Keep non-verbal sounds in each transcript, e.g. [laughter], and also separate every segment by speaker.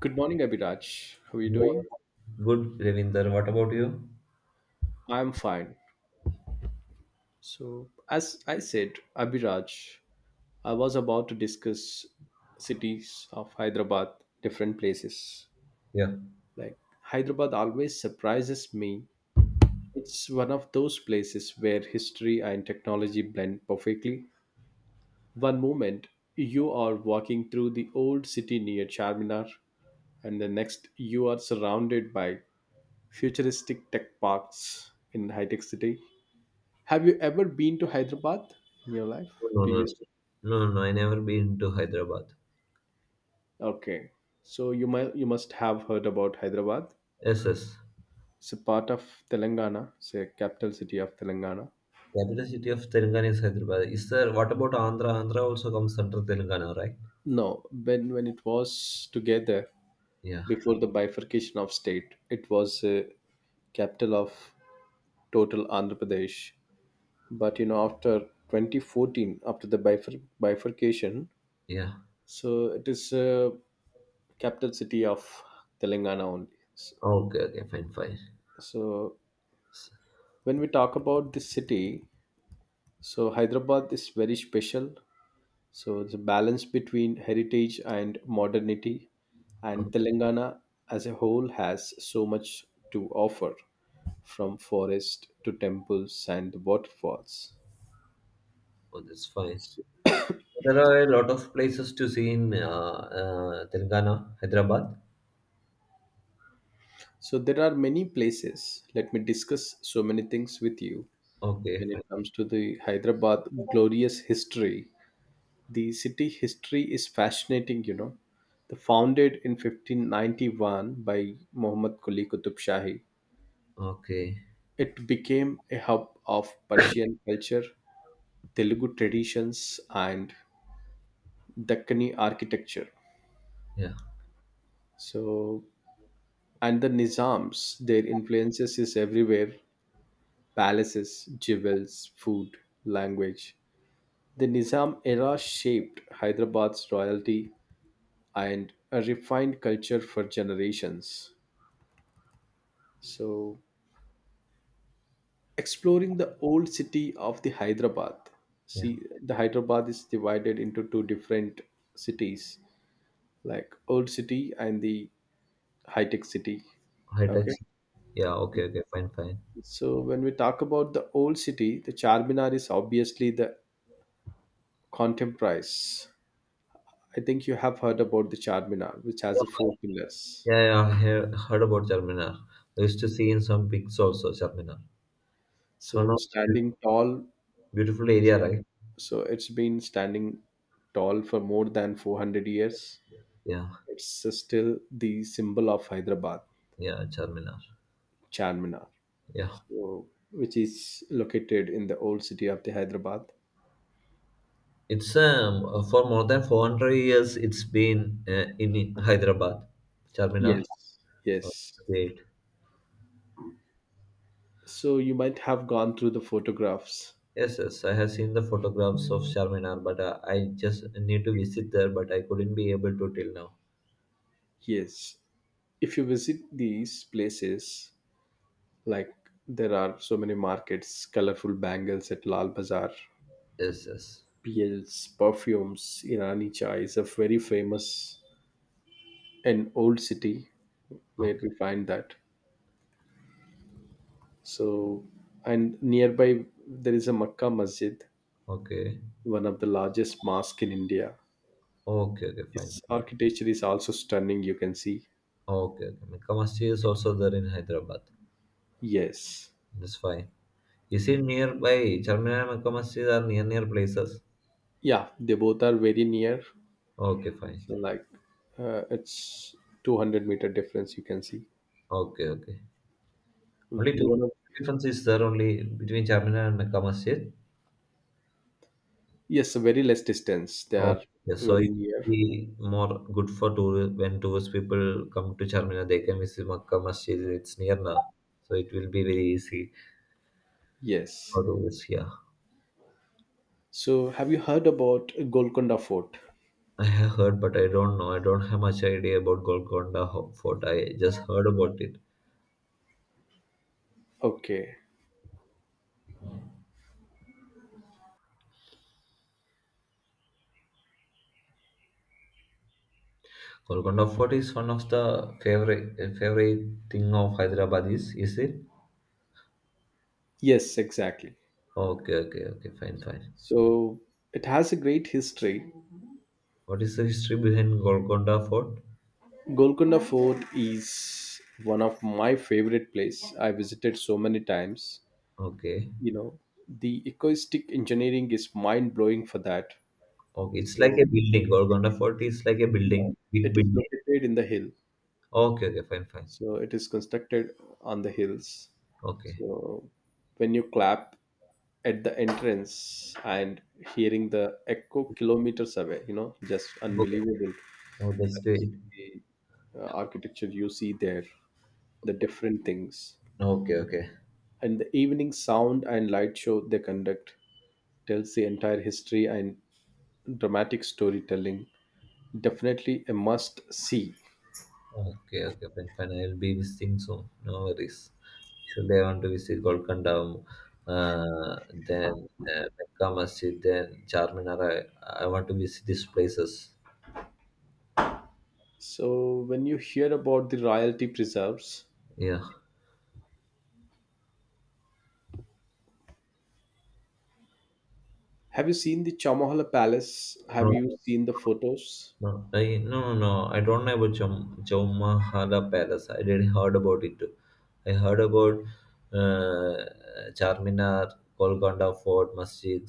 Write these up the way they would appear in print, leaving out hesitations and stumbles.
Speaker 1: Good morning, Abhiraj. How are you
Speaker 2: Good,
Speaker 1: doing?
Speaker 2: good, Ravinder. What about you?
Speaker 1: I'm fine. So, as I said, Abhiraj, I was about to discuss cities of Hyderabad, different places.
Speaker 2: Yeah.
Speaker 1: Like, Hyderabad always surprises me. It's one of those places where history and technology blend perfectly. One moment, you are walking through the old city near Charminar, and the next, you are surrounded by futuristic tech parks in high tech city. Have you ever been to Hyderabad in your life?
Speaker 2: No, no,
Speaker 1: Previously?
Speaker 2: no, no, no, I never been to Hyderabad.
Speaker 1: Okay. So you must have heard about Hyderabad.
Speaker 2: Yes, yes.
Speaker 1: It's a part of Telangana. It's a capital city of Telangana.
Speaker 2: Capital city of Telangana is Hyderabad. Is there, what about Andhra? Andhra also comes under Telangana, right?
Speaker 1: No, when it was together
Speaker 2: Yeah,
Speaker 1: before the bifurcation of state, it was a capital of total Andhra Pradesh. But you know, after 2014, after the bifurcation,
Speaker 2: yeah.
Speaker 1: so it is a capital city of Telangana only.
Speaker 2: Okay, okay, fine, fine.
Speaker 1: So
Speaker 2: S-
Speaker 1: when we talk about this city, so Hyderabad is very special, so the balance between heritage and modernity, and
Speaker 2: Oh,
Speaker 1: Telangana as a whole has so much to offer, from forest to temples and waterfalls.
Speaker 2: oh, that's fine. There are a lot of places to see in Telangana, Hyderabad.
Speaker 1: So there are many places, let me discuss so many things with you.
Speaker 2: Okay,
Speaker 1: When it
Speaker 2: fine.
Speaker 1: comes to the Hyderabad glorious history, the city history is fascinating, you know. The founded in 1591 by Muhammad Quli Qutub Shahi,
Speaker 2: Okay,
Speaker 1: it became a hub of Persian culture, Telugu traditions, and Deccani architecture.
Speaker 2: yeah,
Speaker 1: So, and the Nizams, their influences is everywhere: palaces, jewels, food, language. The Nizam era shaped Hyderabad's royalty and a refined culture for generations. So, exploring the old city of the Hyderabad,
Speaker 2: yeah.
Speaker 1: see, the Hyderabad is divided into two different cities, like old city and the high tech city.
Speaker 2: High
Speaker 1: Okay.
Speaker 2: tax. Yeah, okay, okay, fine, fine.
Speaker 1: So when we talk about the old city, the Charminar is obviously the contemporary. I think you have heard about the Charminar which has the four pillars.
Speaker 2: Yeah, yeah, I heard about Charminar. I used to see in some pics also Charminar. It's one
Speaker 1: So
Speaker 2: of the
Speaker 1: standing tall,
Speaker 2: beautiful area, right?
Speaker 1: so it's been standing tall for more than 400 years.
Speaker 2: Yeah,
Speaker 1: It's still the symbol of Hyderabad.
Speaker 2: yeah, Charminar.
Speaker 1: Charminar,
Speaker 2: Yeah,
Speaker 1: so, which is located in the old city of the Hyderabad.
Speaker 2: it's for more than 400 years. It's been in Hyderabad, Charminar.
Speaker 1: Yes,
Speaker 2: Oh,
Speaker 1: yes.
Speaker 2: great.
Speaker 1: So you might have gone through the photographs.
Speaker 2: Yes, yes, I have seen the photographs of Charminar, but I just need to visit there, but I couldn't be able to till now.
Speaker 1: Yes. If you visit these places, like there are so many markets, colorful bangles at Lal Bazaar,
Speaker 2: Yes, yes.
Speaker 1: PLs, perfumes, Irani chai is a very famous and old city where
Speaker 2: Okay,
Speaker 1: we find that. So, and nearby there is a Makkah Masjid,
Speaker 2: okay,
Speaker 1: one of the largest mosque in India.
Speaker 2: okay, okay, fine.
Speaker 1: Its architecture is also stunning, you can see.
Speaker 2: Okay, okay. Mecca Masjid is also there in Hyderabad.
Speaker 1: Yes.
Speaker 2: That's fine. Is it nearby? Charminar and Makkah are near places.
Speaker 1: Yeah, they both are very near.
Speaker 2: Okay, fine.
Speaker 1: So, like, it's 200-meter difference, you can see.
Speaker 2: Okay, okay. Only
Speaker 1: The
Speaker 2: two
Speaker 1: one of,
Speaker 2: difference is there only between Charminar and Makkah Masjid.
Speaker 1: yes, very less distance. They are
Speaker 2: Okay, so
Speaker 1: very
Speaker 2: it will
Speaker 1: near.
Speaker 2: be more good for tour when tourist people come to Charminar, they can visit Makkah Masjid. It's near now, so it will be very easy
Speaker 1: Yes.
Speaker 2: for tourists. Yeah,
Speaker 1: So, have you heard about Golconda Fort?
Speaker 2: I have heard, but I don't know. I don't have much idea about Golconda Fort. I just heard about it.
Speaker 1: Okay.
Speaker 2: Golconda Fort is one of the favorite thing of Hyderabad is it?
Speaker 1: Yes, exactly.
Speaker 2: Okay, okay, okay, fine, fine.
Speaker 1: So, it has a great history.
Speaker 2: What is the history behind Golconda Fort?
Speaker 1: Golconda Fort is one of my favorite place. I visited so many times.
Speaker 2: Okay,
Speaker 1: You know, the acoustic engineering is mind blowing for that.
Speaker 2: okay, it's like a
Speaker 1: So,
Speaker 2: building. Golconda Fort is like a
Speaker 1: you know,
Speaker 2: building, big
Speaker 1: it is
Speaker 2: building.
Speaker 1: located in the hill.
Speaker 2: Okay, okay, fine, fine.
Speaker 1: So it is constructed on the hills.
Speaker 2: Okay,
Speaker 1: So when you clap at the entrance and hearing the echo kilometers away, you know, just
Speaker 2: okay.
Speaker 1: unbelievable.
Speaker 2: Oh, that's
Speaker 1: That is
Speaker 2: great.
Speaker 1: the architecture you see there, the different things.
Speaker 2: Okay, okay,
Speaker 1: And the evening sound and light show they conduct tells the entire history, and dramatic storytelling, definitely a must see.
Speaker 2: okay, okay, fine, fine. I'll be visiting soon. No worries. Actually, I want to visit Golconda, then Mecca Masjid, then Charminar. I want to visit these places.
Speaker 1: So when you hear about the royalty preserves,
Speaker 2: Yeah.
Speaker 1: have you seen the Chamahala Palace? Have
Speaker 2: No,
Speaker 1: you seen the photos?
Speaker 2: no, no, no. I don't know about Chom Chowmahala Palace. I did heard about it too. I heard about uh, Charminar, Golconda Fort, Masjid.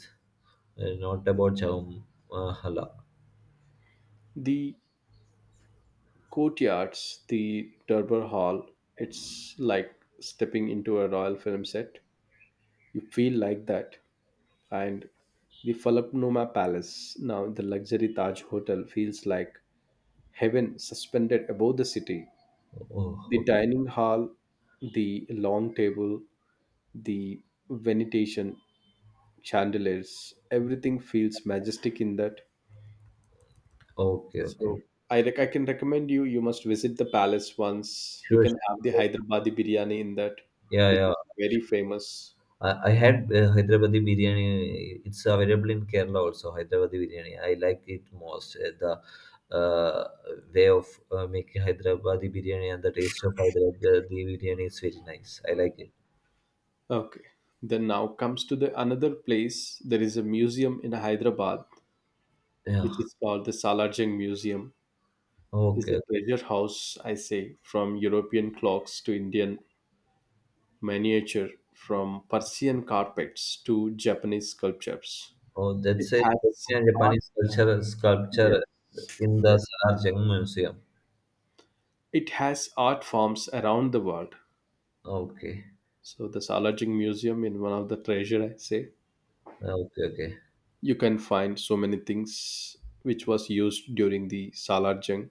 Speaker 2: Not about Chowmahala.
Speaker 1: The courtyards, the durbar hall, it's like stepping into a royal film set, you feel like that. And the Falaknuma Palace, now the luxury Taj hotel, feels like heaven suspended above the city.
Speaker 2: Oh,
Speaker 1: The
Speaker 2: okay,
Speaker 1: dining hall, the long table, the venetation, chandeliers, everything feels majestic in that.
Speaker 2: okay, okay.
Speaker 1: So I, I can recommend you, you must visit the palace once. You
Speaker 2: Sure,
Speaker 1: can have the
Speaker 2: sure.
Speaker 1: Hyderabadi biryani in that,
Speaker 2: Yeah,
Speaker 1: which
Speaker 2: yeah.
Speaker 1: is very famous.
Speaker 2: I had Hyderabadi biryani. It's available in Kerala also. Hyderabadi biryani. I like it most. The uh, way of making Hyderabadi biryani and the taste of Hyderabadi biryani is very nice. I like it.
Speaker 1: Okay. Then now comes to the another place. There is a museum in Hyderabad, which
Speaker 2: Yeah.
Speaker 1: is called the Salarjung Museum. Is a
Speaker 2: Okay.
Speaker 1: treasure house, I say, from European clocks to Indian miniature, from Persian carpets to Japanese sculptures.
Speaker 2: Oh,
Speaker 1: It
Speaker 2: that's a
Speaker 1: has
Speaker 2: Korean and
Speaker 1: art,
Speaker 2: Japanese culture sculpture
Speaker 1: yes,
Speaker 2: in the
Speaker 1: yes.
Speaker 2: Sarajang Museum.
Speaker 1: It has art forms around the world.
Speaker 2: Okay.
Speaker 1: So the Salajing Museum in one of the treasure, I say,
Speaker 2: Okay. Okay.
Speaker 1: you can find so many things which was used during the Salar Jung.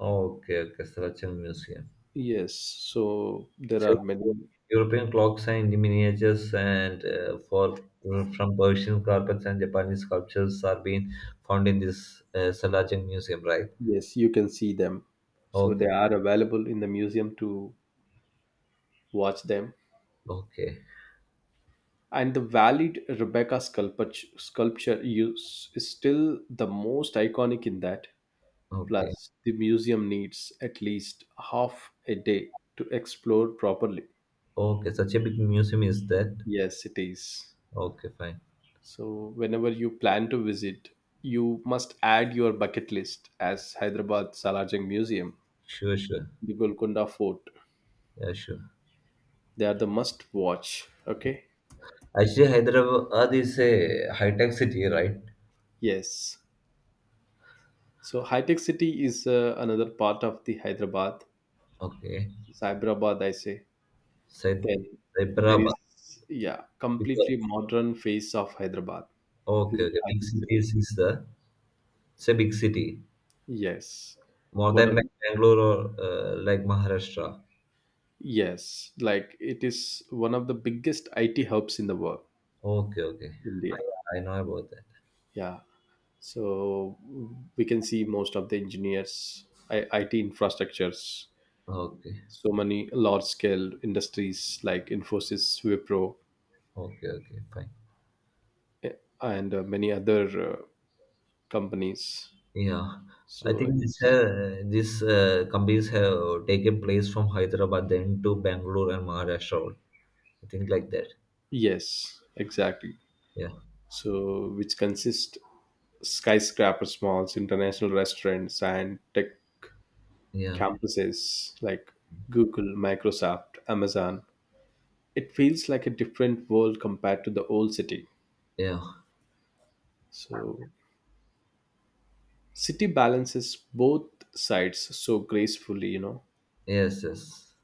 Speaker 2: Okay. Okay. Sarajang Museum.
Speaker 1: Yes, so there
Speaker 2: So,
Speaker 1: are many.
Speaker 2: European clocks and miniatures and for from Persian carpets and Japanese sculptures are being found in this Salajang Museum, right?
Speaker 1: Yes, you can see them. So they
Speaker 2: Okay,
Speaker 1: are available in the museum to watch them.
Speaker 2: okay,
Speaker 1: And the valued Rebecca sculpture, sculpture use is still the most iconic in that.
Speaker 2: okay,
Speaker 1: Plus, the museum needs at least half a day to explore properly.
Speaker 2: okay. Such a big museum is that?
Speaker 1: Yes, it is.
Speaker 2: Okay, fine.
Speaker 1: So, whenever you plan to visit, you must add your bucket list as Hyderabad Salajang Museum,
Speaker 2: Sure, sure.
Speaker 1: the Golconda Fort.
Speaker 2: Yeah, sure.
Speaker 1: They are the must watch. Okay.
Speaker 2: Actually, Hyderabad is a high-tech city, right?
Speaker 1: Yes. So, high tech city is another part of the Hyderabad,
Speaker 2: Okay.
Speaker 1: Cyberabad, I say. Then
Speaker 2: Sai-
Speaker 1: there is,
Speaker 2: Hyderabad.
Speaker 1: yeah,
Speaker 2: Because,
Speaker 1: completely modern face of Hyderabad, is
Speaker 2: okay,
Speaker 1: an
Speaker 2: okay. Big
Speaker 1: Attic City.
Speaker 2: cities is it's a big city.
Speaker 1: Yes,
Speaker 2: More
Speaker 1: one
Speaker 2: than
Speaker 1: of,
Speaker 2: like Bangalore or like Maharashtra.
Speaker 1: yes, like it is one of the biggest IT hubs in the world,
Speaker 2: Okay, okay.
Speaker 1: India.
Speaker 2: I know about that.
Speaker 1: Yeah, so we can see most of the engineers, I, IT infrastructures,
Speaker 2: Okay,
Speaker 1: so many large scale industries like Infosys, Wipro,
Speaker 2: okay, okay, fine.
Speaker 1: eh, and many other companies.
Speaker 2: Yeah, I
Speaker 1: So
Speaker 2: think this
Speaker 1: it's,
Speaker 2: uh, this uh, companies have taken place from Hyderabad then to Bangalore and Maharashtra. I think like that.
Speaker 1: yes, exactly.
Speaker 2: Yeah,
Speaker 1: So which consists skyscrapers, malls, international restaurants and tech
Speaker 2: yeah,
Speaker 1: campuses like Google, Microsoft, Amazon. It feels like a different world compared to the old city.
Speaker 2: yeah.
Speaker 1: So city balances both sides so gracefully, you know.
Speaker 2: Yes, yes.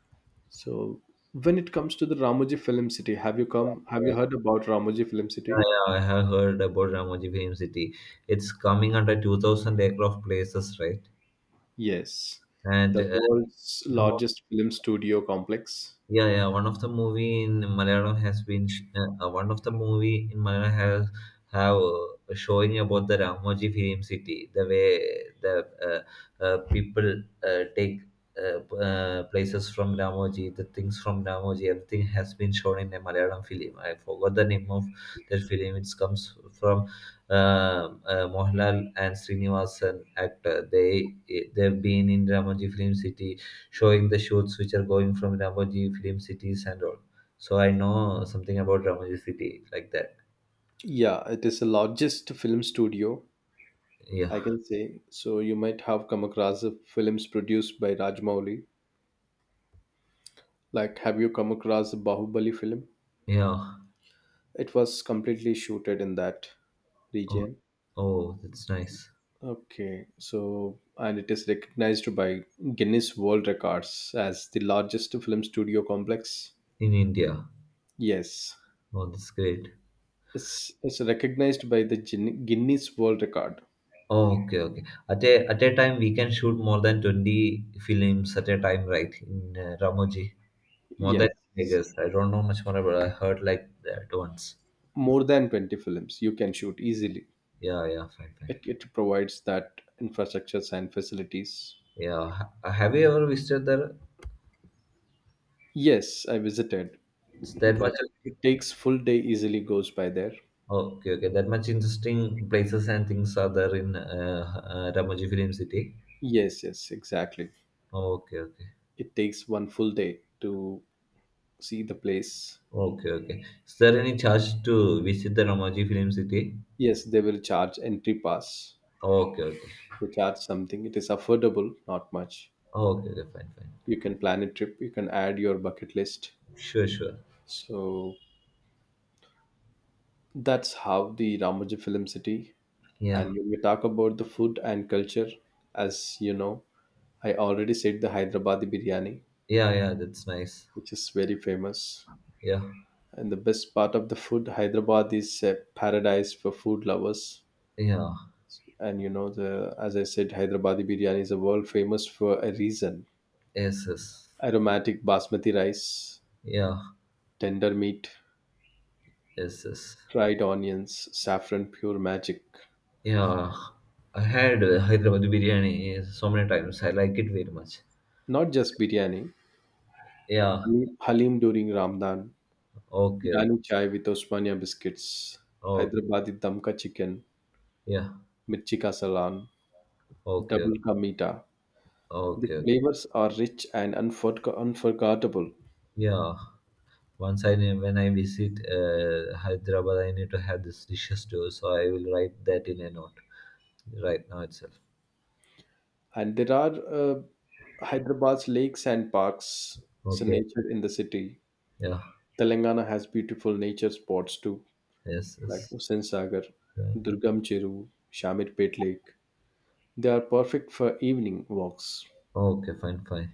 Speaker 1: So when it comes to the Ramoji Film City, have you come, have you heard about Ramoji Film
Speaker 2: Yeah,
Speaker 1: City?
Speaker 2: yeah, I have heard about Ramoji Film City. It's coming under 2,000 acre of places, right?
Speaker 1: Yes,
Speaker 2: And
Speaker 1: the world's
Speaker 2: some
Speaker 1: largest film studio complex.
Speaker 2: Yeah, yeah. One of the movie in Malayalam has been one of the movie in Malayalam has have showing about the Ramoji Film City, the way the people take places from Ramoji, the things from Ramoji, everything has been shown in a Malayalam film. I forgot the name of that film. It comes from Mohanlal and Srinivasan actor. They've been in Ramoji Film City showing the shoots which are going from Ramoji film cities and all. So I know something about Ramoji city like that.
Speaker 1: Yeah, it is the largest film studio,
Speaker 2: Yeah,
Speaker 1: I can say. So you might have come across the films produced by Rajmouli. Like, have you come across the Bahubali film?
Speaker 2: yeah.
Speaker 1: It was completely shooted in that
Speaker 2: Oh,
Speaker 1: region.
Speaker 2: oh, that's nice.
Speaker 1: Okay, so and it is recognized by Guinness World Records as the largest film studio complex.
Speaker 2: In India.
Speaker 1: Yes,
Speaker 2: Oh, that's great.
Speaker 1: it's recognized by the Guinness World Record.
Speaker 2: Oh, okay, okay. At a time we can shoot more than 20 films at a time, right? In Ramoji, more than I
Speaker 1: Yes,
Speaker 2: guess. I don't know much more about. I heard like that once.
Speaker 1: more than 20 films you can shoot easily.
Speaker 2: Yeah, yeah, fine,
Speaker 1: it,
Speaker 2: fine.
Speaker 1: it provides that infrastructures and facilities.
Speaker 2: Yeah, have you ever visited there?
Speaker 1: Yes, I visited,
Speaker 2: It's that
Speaker 1: but
Speaker 2: much.
Speaker 1: it takes full day easily goes by there.
Speaker 2: Okay, okay. That much interesting places and things are there in Ramoji Film City.
Speaker 1: Yes, yes, exactly.
Speaker 2: Okay, okay.
Speaker 1: It takes one full day to see the place.
Speaker 2: Okay, okay. Is there any charge to visit the Ramoji Film City?
Speaker 1: Yes, they will charge entry pass.
Speaker 2: Okay, okay.
Speaker 1: They charge something. It is affordable, not much.
Speaker 2: Okay, okay. Fine, fine.
Speaker 1: You can plan a trip, you can add your bucket list.
Speaker 2: Sure, sure.
Speaker 1: So that's how the Ramoji Film City.
Speaker 2: Yeah,
Speaker 1: And when we talk about the food and culture, as you know, I already said the Hyderabadi biryani,
Speaker 2: yeah, yeah. That's nice.
Speaker 1: which is very famous.
Speaker 2: Yeah,
Speaker 1: And the best part of the food, Hyderabad is a paradise for food lovers.
Speaker 2: yeah.
Speaker 1: And you know, the as I said, Hyderabadi biryani is a world famous for a reason.
Speaker 2: Yes, yes.
Speaker 1: Aromatic basmati rice,
Speaker 2: Yeah,
Speaker 1: tender meat,
Speaker 2: yes, yes.
Speaker 1: fried onions, saffron, pure magic.
Speaker 2: Yeah. I had Hyderabad biryani so many times. I like it very much.
Speaker 1: Not just biryani,
Speaker 2: Yeah.
Speaker 1: halim, halim during Ramadan,
Speaker 2: Okay. Okay.
Speaker 1: Irani chai with Osmania biscuits,
Speaker 2: Oh,
Speaker 1: Hyderabadi damka chicken,
Speaker 2: yeah.
Speaker 1: mirchi ka salan,
Speaker 2: Okay. Okay.
Speaker 1: double ka meeta. The
Speaker 2: Okay, okay.
Speaker 1: flavors are rich and unforgettable,
Speaker 2: Yeah. Once when I visit Hyderabad, I need to have this dishes too. So I will write that in a note right now itself.
Speaker 1: and there are Hyderabad's lakes and parks. So
Speaker 2: Okay.
Speaker 1: nature in the city.
Speaker 2: Yeah.
Speaker 1: Telangana has beautiful nature spots too,
Speaker 2: Yes.
Speaker 1: like
Speaker 2: Yes.
Speaker 1: Hussain Sagar,
Speaker 2: Yeah.
Speaker 1: Durgam Cheru, Shamirpet Lake. They are perfect for evening walks.
Speaker 2: Okay. Fine. Fine.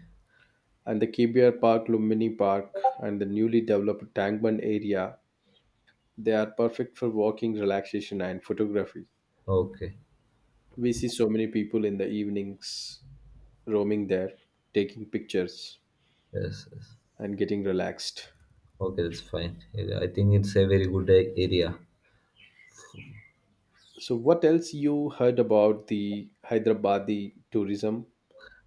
Speaker 1: And the KBR Park, Lumbini Park, and the newly developed Tangband area, they are perfect for walking, relaxation, and photography.
Speaker 2: Okay.
Speaker 1: We see so many people in the evenings roaming there, taking pictures
Speaker 2: Yes. Yes.
Speaker 1: and getting relaxed.
Speaker 2: Okay. That's fine. Yeah, I think it's a very good area.
Speaker 1: So what else you heard about the Hyderabadi tourism?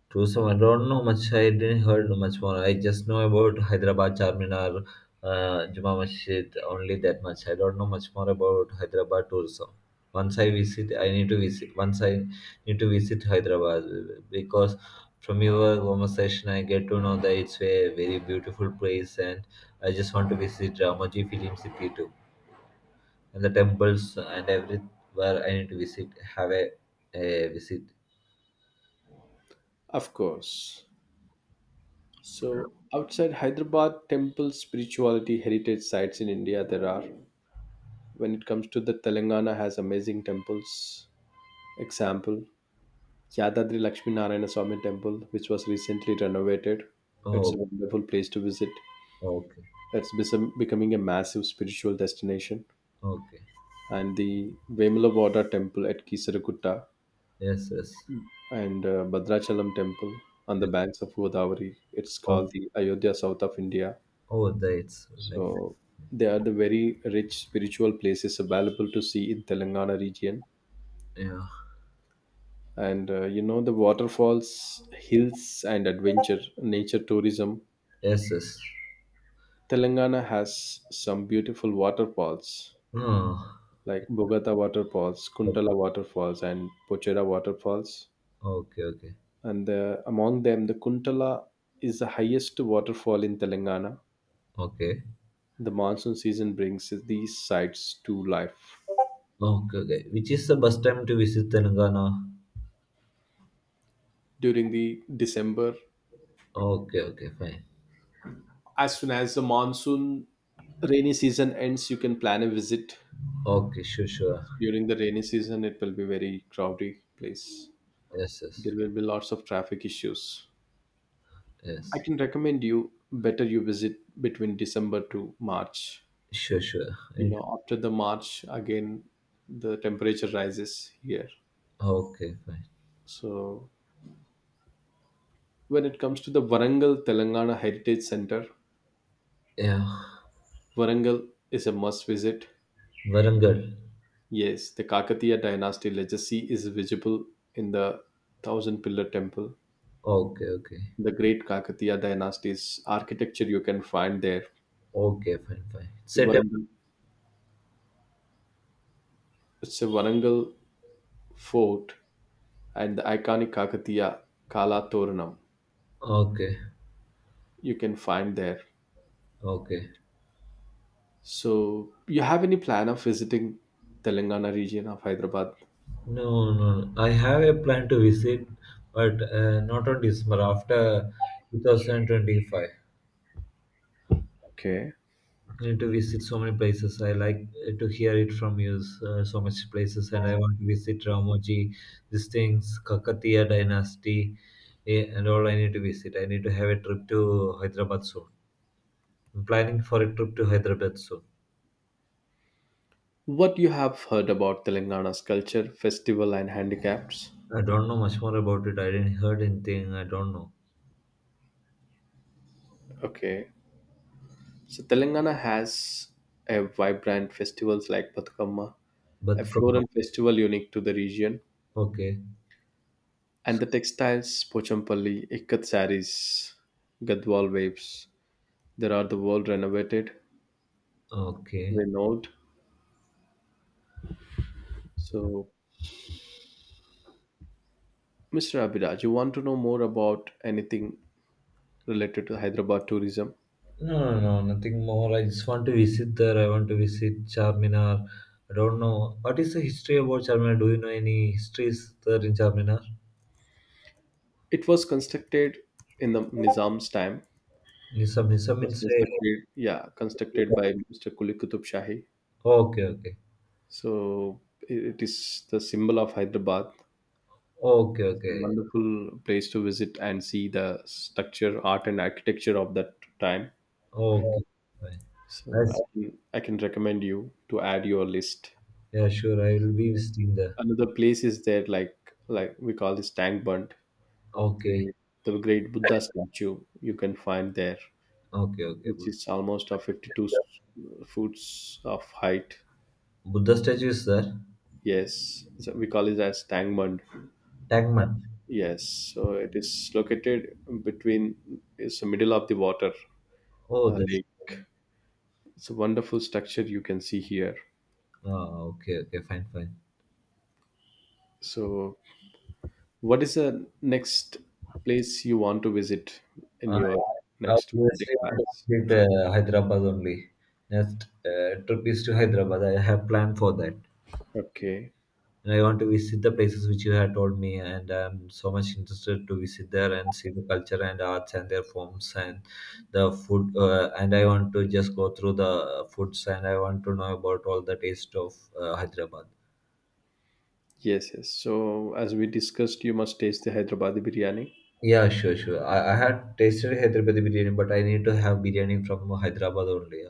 Speaker 2: Tourism. I don't know much. I didn't heard much more. I just know about Hyderabad Charminar, Juma Masjid, only that much. I don't know much more about Hyderabad tourism. Once I visit, I need to visit. Once I need to visit Hyderabad because from your conversation, I get to know that it's a very beautiful place, and I just want to visit Ramoji Film City too, and the temples and everywhere I need to visit. Have a visit.
Speaker 1: Of course. So outside Hyderabad temple spirituality heritage sites in India there are. When it comes to the Telangana has amazing temples. Example Yadadri Lakshmi Narayana Swami temple which was recently renovated. It's a
Speaker 2: Oh,
Speaker 1: wonderful place to visit.
Speaker 2: okay,
Speaker 1: It's becoming a massive spiritual destination.
Speaker 2: okay,
Speaker 1: And the Vemulavaada temple at Kisaragutta,
Speaker 2: yes, yes.
Speaker 1: and Bhadrachalam temple on the
Speaker 2: And
Speaker 1: banks of Godavari. It's
Speaker 2: all
Speaker 1: called the Ayodhya South of India.
Speaker 2: our dates like.
Speaker 1: So they are the very rich spiritual places available to see in Telangana region.
Speaker 2: Yeah,
Speaker 1: And you know the waterfalls, hills, and adventure nature tourism.
Speaker 2: yes, yes,
Speaker 1: Telangana has some beautiful waterfalls
Speaker 2: no,
Speaker 1: like Bogata waterfalls,
Speaker 2: okay,
Speaker 1: Kuntala waterfalls, and Pochera waterfalls,
Speaker 2: okay, okay,
Speaker 1: and among them the Kuntala is the highest waterfall in Telangana.
Speaker 2: okay,
Speaker 1: The monsoon season brings these sites to life.
Speaker 2: okay. Which is the best time to visit Telangana?
Speaker 1: During the December,
Speaker 2: Okay, okay, fine.
Speaker 1: as soon as the monsoon rainy season ends, you can plan a visit.
Speaker 2: Okay, sure, sure.
Speaker 1: During the rainy season it will be very crowded place.
Speaker 2: Yes, yes.
Speaker 1: There will be lots of traffic issues. I
Speaker 2: Yes,
Speaker 1: can recommend you, better you visit between December to March.
Speaker 2: sure, sure.
Speaker 1: You
Speaker 2: And-
Speaker 1: know, after the March again, the temperature rises here.
Speaker 2: okay, fine.
Speaker 1: So, when it comes to the Varangal Telangana Heritage Center,
Speaker 2: Yeah,
Speaker 1: Varangal is a must visit.
Speaker 2: Varangal.
Speaker 1: Yes, the Kakatiya dynasty legacy is visible in the thousand pillar temple.
Speaker 2: Okay, okay,
Speaker 1: The great Kakatiya dynasty's architecture you can find there.
Speaker 2: okay, fine, fine,
Speaker 1: So
Speaker 2: set
Speaker 1: Varangal, it's a Varangal fort and the iconic Kakatiya Kala Toranam
Speaker 2: up. Okay,
Speaker 1: you can find there.
Speaker 2: okay.
Speaker 1: So, you have any plan of visiting Telangana region of Hyderabad?
Speaker 2: No, no, no. I have a plan to visit, but not on December, after 2025.
Speaker 1: Okay.
Speaker 2: I need to visit so many places. I like to hear it from you, so much places, and I want to visit Ramoji, these things, Kakatiya dynasty, and all I need to visit. I need to have a trip to Hyderabad soon. I'm planning for a trip to Hyderabad soon.
Speaker 1: What you have heard about Telangana's culture, festival, and handicaps?
Speaker 2: I don't know much more about it. I didn't heard anything. I don't know.
Speaker 1: Okay, so Telangana has a vibrant festivals like Patkamma, a
Speaker 2: But come on.
Speaker 1: floral festival unique to the region,
Speaker 2: Okay.
Speaker 1: and the textiles Pochampalli, Ikat saris, Gadwal waves. There are the world renovated,
Speaker 2: Okay.
Speaker 1: renowned. So, Mr. Abhiraj, you want to know more about anything related to Hyderabad tourism?
Speaker 2: No, no, no, nothing more. I just want to visit there. I want to visit Charminar. I don't know. What is the history about Charminar? Do you know any histories there in Charminar?
Speaker 1: It was constructed in the Nizam's time,
Speaker 2: Nizam, Nizam
Speaker 1: was
Speaker 2: means say.
Speaker 1: constructed, yeah, constructed by Mr. Kuli Qutub Shahi.
Speaker 2: Okay, okay.
Speaker 1: So it is the symbol of Hyderabad.
Speaker 2: Okay, okay.
Speaker 1: Wonderful place to visit and see the structure, art, and architecture of that time.
Speaker 2: Okay. Fine. I
Speaker 1: So I
Speaker 2: see.
Speaker 1: can I can recommend you to add your list.
Speaker 2: Yeah, sure. I will be visiting there.
Speaker 1: Another place is there, like, we call this Tank Bund,
Speaker 2: Okay.
Speaker 1: the the great Buddha statue you can find there,
Speaker 2: Okay, okay.
Speaker 1: which
Speaker 2: Buddha
Speaker 1: is almost of
Speaker 2: is
Speaker 1: 52
Speaker 2: there.
Speaker 1: foots of height.
Speaker 2: Buddha statue is there.
Speaker 1: Yes, so we call it as Tank Bund.
Speaker 2: Tangman.
Speaker 1: Yes, so it is located between, it's the middle of the water
Speaker 2: Oh, that's.
Speaker 1: lake. It's a wonderful structure you can see here.
Speaker 2: Ah, okay, okay. Fine, fine.
Speaker 1: So, what is the next place you want to visit in your
Speaker 2: I
Speaker 1: next 2-day
Speaker 2: obviously want to
Speaker 1: plans?
Speaker 2: visit Hyderabad only. Next trip is to Hyderabad. I have planned for that.
Speaker 1: Okay.
Speaker 2: And I want to visit the places which you have told me, and I'm so much interested to visit there and see the culture and arts and their forms and the food. And I want to just go through the foods, and I want to know about all the taste of Hyderabad.
Speaker 1: Yes, yes. So, as we discussed, you must taste the Hyderabadi biryani.
Speaker 2: Yeah, sure, sure. I had tasted Hyderabadi biryani, but I need to have biryani from Hyderabad only.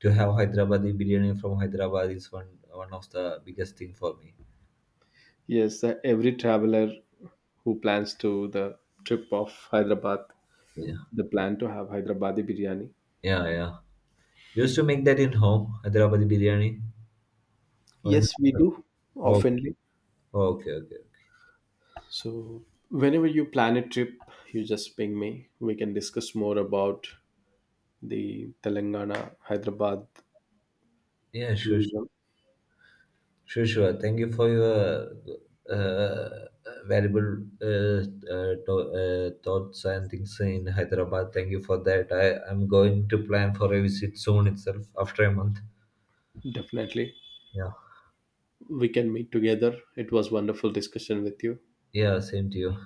Speaker 2: To have Hyderabadi biryani from Hyderabad is one of the biggest thing for me.
Speaker 1: Yes, the, every traveler who plans to the trip of Hyderabad,
Speaker 2: Yeah,
Speaker 1: they plan to have Hyderabadi biryani.
Speaker 2: yeah, yeah. Used to make that in home, Hyderabadi biryani. Or in,
Speaker 1: Yes, we do
Speaker 2: [laughs] oh,
Speaker 1: oftenly.
Speaker 2: okay, okay, okay.
Speaker 1: So, whenever you plan a trip, you just ping me. We can discuss more about the Telangana Hyderabad
Speaker 2: Yeah, sure, sure,
Speaker 1: tourism.
Speaker 2: sure, sure. Thank you for your uh, uh, valuable thoughts and things in Hyderabad. Thank you for that. I am going to plan for a visit soon itself after a month.
Speaker 1: Definitely.
Speaker 2: Yeah.
Speaker 1: We can meet together. It was wonderful discussion with you.
Speaker 2: Yeah, same to you.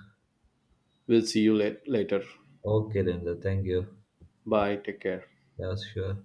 Speaker 1: We'll see you later.
Speaker 2: Okay, Linda. Thank you.
Speaker 1: Bye. Take care.
Speaker 2: Yeah, sure.